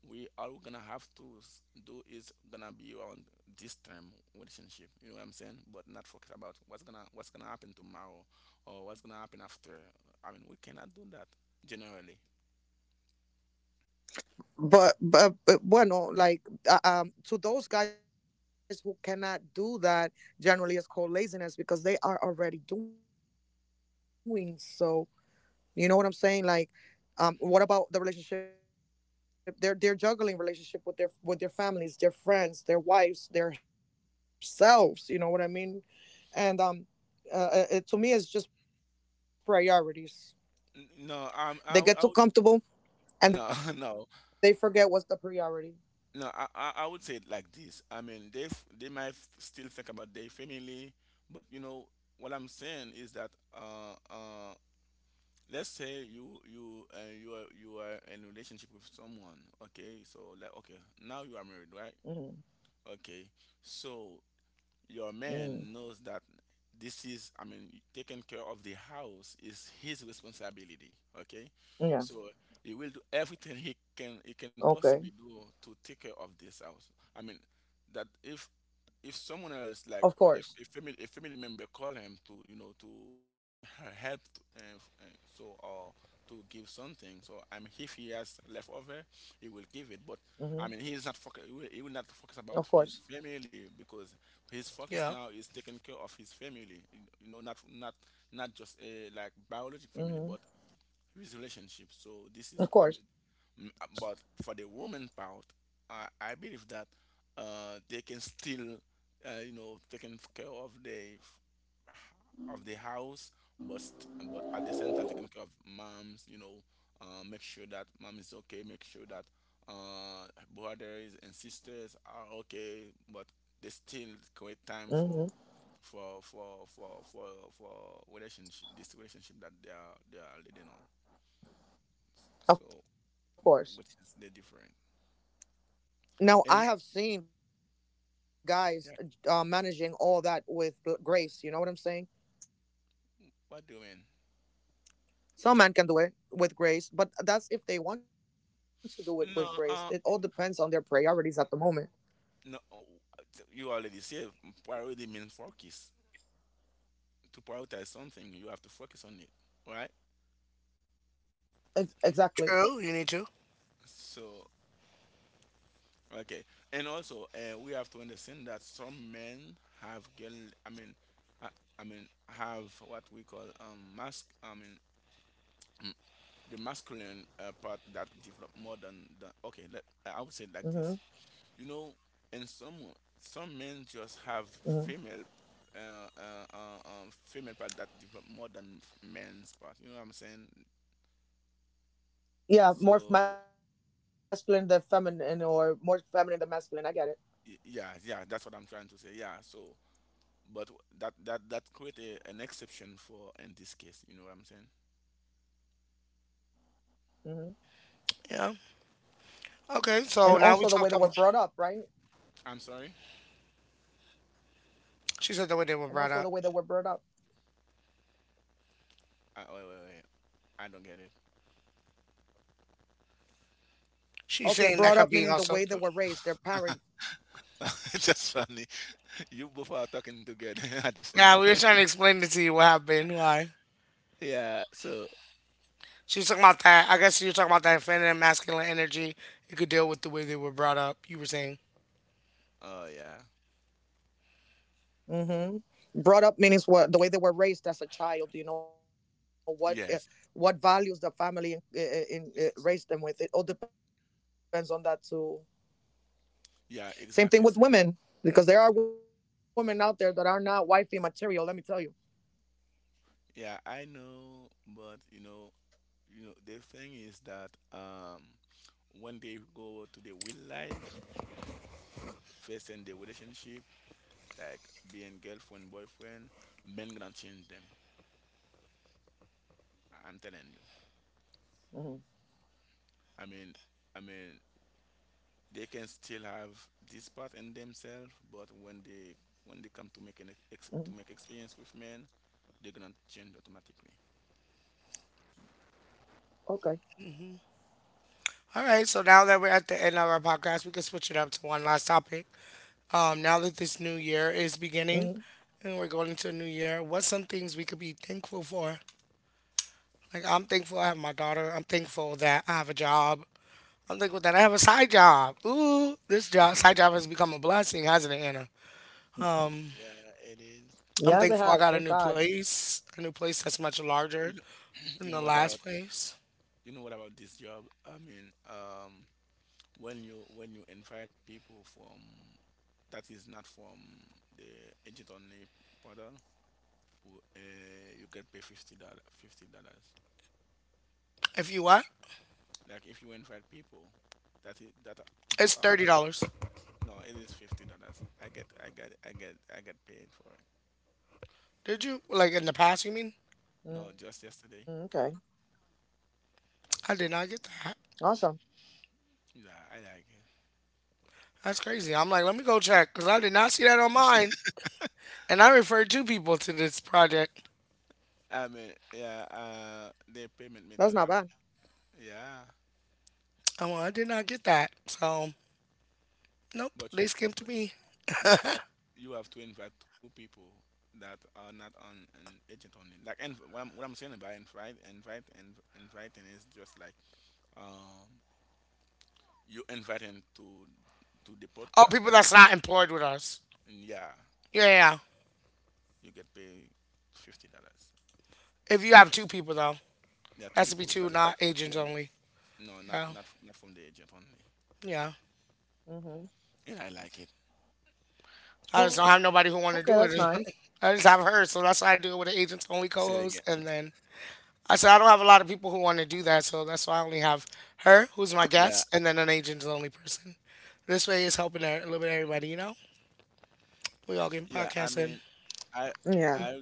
we all we're gonna have to s- do is gonna be on this term relationship. You know what I'm saying? But not focus about what's gonna what's gonna happen tomorrow or what's gonna happen after. I mean, we cannot do that generally. N- No, um, I, w- I would- no, [LAUGHS] no. No, I, I I would say it like this. I mean, they f- they might f- still think about their family, but you know what I'm saying is that uh uh let's say you you uh, you are you are in a relationship with someone, okay? So like okay, now you are married, right? Okay, so your man knows that this is i mean taking care of the house is his responsibility. Okay, so he will do everything he can he can possibly do to take care of this house. I mean that if if someone else, like, uh, if a family a family member call him to you know to bring her help, uh, f- uh, so or to give something. So I mean if he has left over, he will give it. But I mean he is not focus, he will, he will not focus about his family, because his focus
Yeah.
now is taking care of his family, you know, not not not just a like biologic family, but with relationship. So this is, I mean, mm, uh, but for the woman part, I, I believe that uh, they can still, uh, you know, taking care of the of the house, but st- but at the same time taking care of moms, you know, uh, make sure that mom is okay, make sure that uh, brothers and sisters are okay, but they still create time for for for for for for relationship, this relationship that they are they are leading on. So what is the difference? And yeah, what do you mean? No, uh, no. Oh, you already said priority means focus. To prioritize something, you have to focus on it, right?
True. You need to.
So okay, and also uh, we have to understand that some men have girl. I mean, ha, I mean have what we call um mask. I mean [CLEARS THROAT] the masculine uh, part that develop more than the. Okay, let, I would say like this, you know. And some some men just have female uh, uh, uh, um, female part that develop more than f- men's part, you know what I'm saying? So y- yeah yeah, that's what I'm trying to say. Yeah, so but that that that create a, an exception for in this case, you know what I'm saying?
Yeah. Okay. So now we talked about.
I'm sorry.
She said the way they were brought up.
I, wait, wait, wait. I don't get it.
She's saying that could be also.
[LAUGHS] That's funny, you both are talking together [LAUGHS] at the same
Yeah, we
time.
were trying to explain it to you what happened, why.
[LAUGHS] Yeah, so
She's talking about that. I guess you're talking about that feminine, masculine energy. You could deal with the way they were brought up. You were saying.
oh yeah, yes, yeah, exactly. Yeah, I know, but you know, you know, the thing is that um, when they go to the real life, first in the relationship, like being girlfriend, boyfriend, men gonna change them. I'm telling you. I mean, I mean, they can still have this part in themselves, but when they when they come to make an ex- to make experience with men, they're gonna change automatically.
All right. So now that we're at the end of our podcast, we can switch it up to one last topic. Um, now that this new year is beginning and we're going into a new year, what's some things we could be thankful for? Like, I'm thankful I have my daughter. I'm thankful that I have a job. I'm thankful that I have a side job. Ooh, this job, side job has become a blessing, hasn't it, Anna?
Yeah, it is.
I'm thankful I got a new place, a new place that's much larger
You know, [CLEARS THROAT]
than
you know
the
what
last
about
place.
you know what about this job? I mean, um, when you when you invite people from that is not from the agent only portal, w- uh, you can pay 50 dollars, 50 dollars,
If you what?
like if you invite people that is that are- that
It's
are
thirty
not.
dollars.
No, it is 50 dollars. i get i get i get I get paid for it.
Did you like in the past? You mean?
No, just yesterday.
I did not get that.
Yeah, I like it.
That's crazy. I'm like, let me go check because I did not see that on mine. And I referred two people to this project.
I mean, yeah, uh the payment method, I mean, yeah.
Oh, well, I did not get that. So, nope,
But
they
you
skipped me.
but you have you have to invite two people that are not on an agent only. Like, and what I'm what I'm saying about invite, invite, and inviting is just like um you inviting to to the
Oh,
podcast.
people
That
that's not employed with us.
yeah,
Yeah, yeah. yeah.
you get paid fifty dollars.
If you have two people, though,
There are two
has to be
people
two,
that
not agents
well,
only.
no, not
Yeah,
not not from the agent only.
yeah.
And I like it.
I just don't have nobody who want to do it. [LAUGHS] I just have her. So that's why I do it with an agents only
Say it
co
again.
host. And then I said, I don't have a lot of people who want to do that. So that's why I only have her, who's my
Yeah,
guest, and then an agents only person. This way it's helping e-, a little bit everybody, you know? We all getting
yeah. I mean,
podcasting.
I I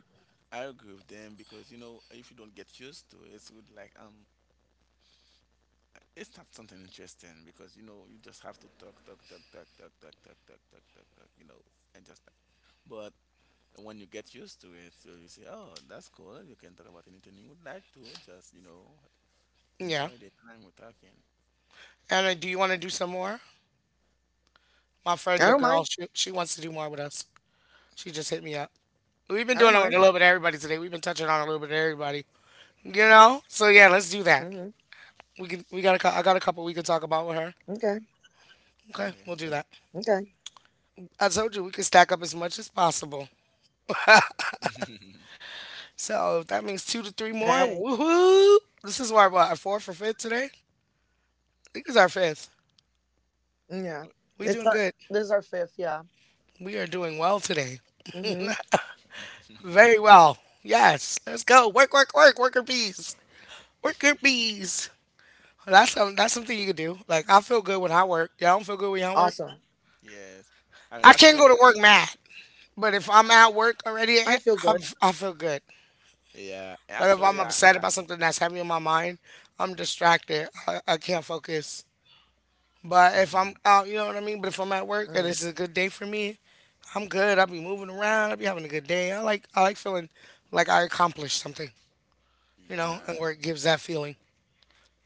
I agree with them because, you know, if you don't get used to it, it's good. Like um, it's not something interesting because, you know, you just have to talk, talk, talk, talk, talk, talk, talk, talk, talk, talk, talk, you know, and just that. But when you get used to it, so you say, oh, that's cool. You can talk about anything you would like to. Just, you know,
Yeah.
enjoy the time we're talking.
Anna, do you want to do some more? My friend, the girl, she, she wants to do more with us. She just hit me up. We've been doing it with a little bit of everybody today. We've been touching on a little bit of everybody, you know. So yeah, let's do that. We can. We got a. cou- I got a couple we can talk about with her. Okay, we'll
Okay.
do that. I told you we can stack up as much as possible.
[LAUGHS]
So if that means two to three more, woohoo! This is our what our fourth or fifth today. I think it's our fifth. We doing good. We are doing well today. Very well. Yes. Let's go. Work, work, work, worker bees. Worker bees. That's some, that's something you could do. Like I feel good when I work. Y'all don't feel good when y'all work.
Yes. I
I can't go
actually,
to work mad, but if I'm at work already, eh, I'm, I feel good.
yeah.
Like if I'm
Actually, I,
upset
I
about something that's heavy on my mind, I'm distracted. I, I can't focus. But if I'm
[LAUGHS]
out, you know what I mean. But if I'm at work and it's a good day for me, I'm good. I'll be moving around. I'll be having a good day. I like I like feeling like I accomplished something, you know.
yeah.
And work gives that feeling.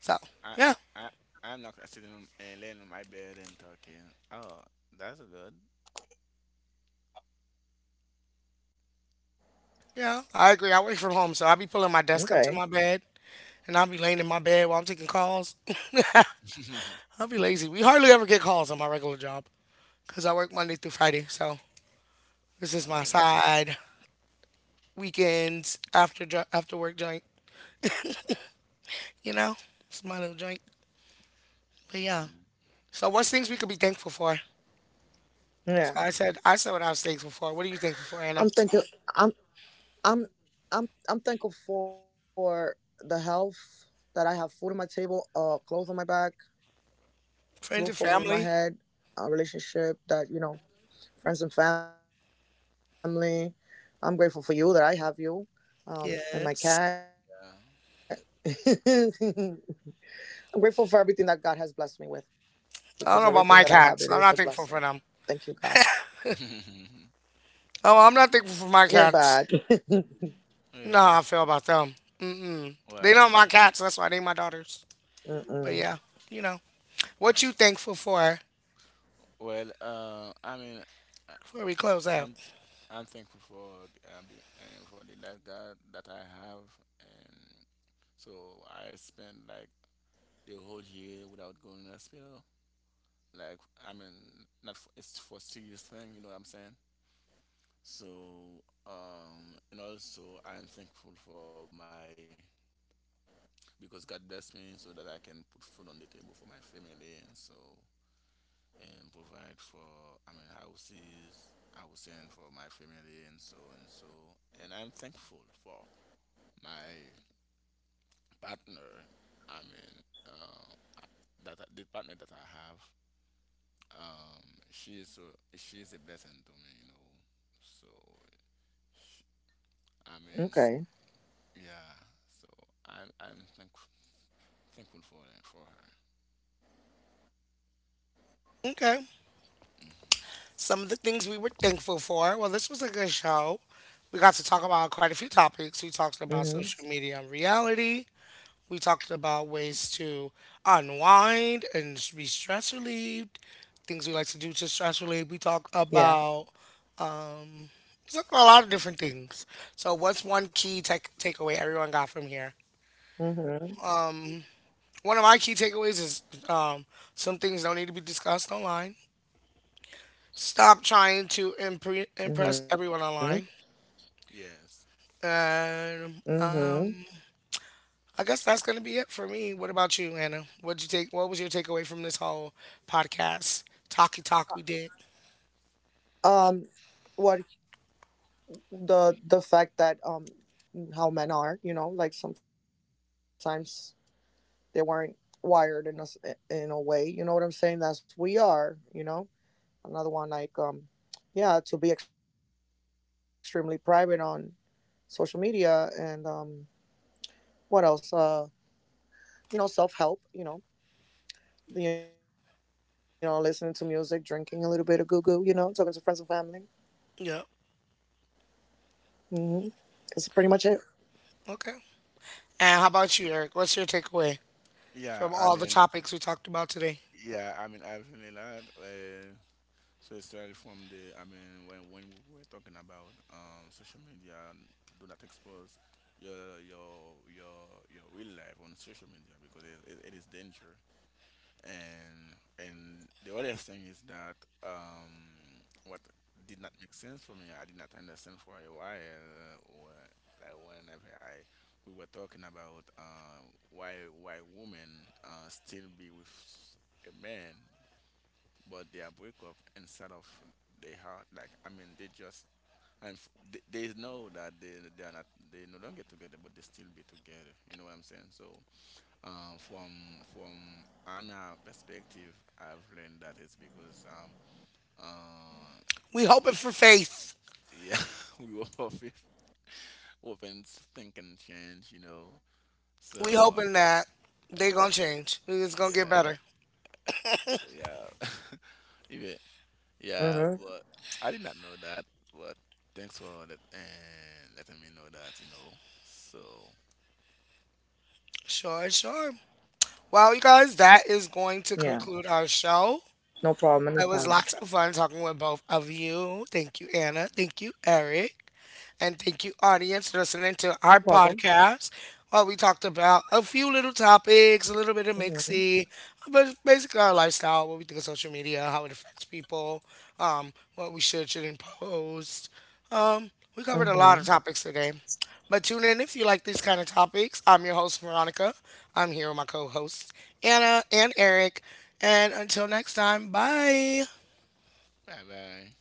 So
I,
yeah,
I, I'm not sitting on, uh, laying on my bed and talking. Oh, that's good.
yeah, I agree. I work from home, so I be pulling my desk up to my bed. And I'll be laying in my bed while I'm taking calls. [LAUGHS]
[LAUGHS]
I'll be lazy. We hardly ever get calls on my regular job because I work Monday through Friday. So this is my
Oh yeah.
side weekends after jo- after work joint. You know, it's my little joint. But yeah. So what's things we could be thankful for? So I said I said what I was thankful for. What are you thankful for, Anna? Friends and family. Yes.
Yeah. [LAUGHS]
I don't know about my cats. I'm not thankful for them. Oh, I'm not thankful for my cats. You know how I
Really?
feel about them. Mm-mm. They not
Why?
my cats. That's why they my daughters. But yeah, you know. What you thankful for
Well, uh, I mean, I-
before we close out?
I'm I'm thankful for the, um, be- uh, for the life that that I have, and so I spent like the whole year without going to the hospital. Like, I mean, not for, it's for serious thing, you know what I'm saying? So, um, and also I'm thankful for my, because God blessed me so that I can put food on the table for my family, and so and provide for, I mean, houses I was send for my family, and so and so, and I'm thankful for my partner. I mean, uh, that I- the partner that I have, um she is so, she is a blessing to me, you know. So I mean, yeah, so I am I'm thankful, thankful for that, for her.
Okay. Some of the things we were thankful for. Well, this was a good show. We got to talk about quite a few topics. We talked about social media and reality. We talked about ways to unwind and be stress relieved. Things we like to do to stress relieve. We talked about we talked about a lot of different things. So, what's one key tech takeaway everyone got from here? One of my key takeaways is um, some things don't need to be discussed online. Stop trying to impre- impress everyone online.
Yes.
And um, I guess that's going to be it for me. What about you, Anna? What'd you take? What was your takeaway from this whole podcast talky talk we did? Yep. Okay. And how about you, Eric? What's your takeaway
Yeah,
from
I
all the
mean,
topics we talked about today?
yeah, I mean, I've seen a lot. uh, So it started from the, I mean, when, when we were talking about um, social media, do not expose your your your your real life on social media because it, it, it is danger. And and the other thing is that um, what did not make sense for me, I did not understand for a while. Or like whenever I we were talking about uh, why why women uh, still be with a man but they are break up inside of their heart. Like I mean, they just and f- they, they know that they they are not, they no longer together, but they still be together. You know what I'm saying? So um, from from Anna perspective, I've learned that it's because um uh
We
w-
hoping for faith.
yeah, [LAUGHS] we were both [LAUGHS] open think and change. You know,
We
so
hoping that they gonna change. It's gonna get
yeah,
better.
yeah, [LAUGHS] even, yeah, but I did not know that. But thanks for let, and letting me know that, you know. So,
Sure, sure. Well, you guys, that is going to conclude our show. It was lots of fun talking with both of you. Thank you, Anna. Thank you, Eric. And thank you, audience, listening to our podcast. Well, we talked about a few little topics, a little bit of mixy, but basically our lifestyle, what we think of social media, how it affects people, um, what we should, shouldn't post. Um, we covered a lot of topics today. But tune in if you like these kind of topics. I'm your host, Veronica. I'm here with my co hosts, Anna and Eric. And until next time, bye.
bye bye.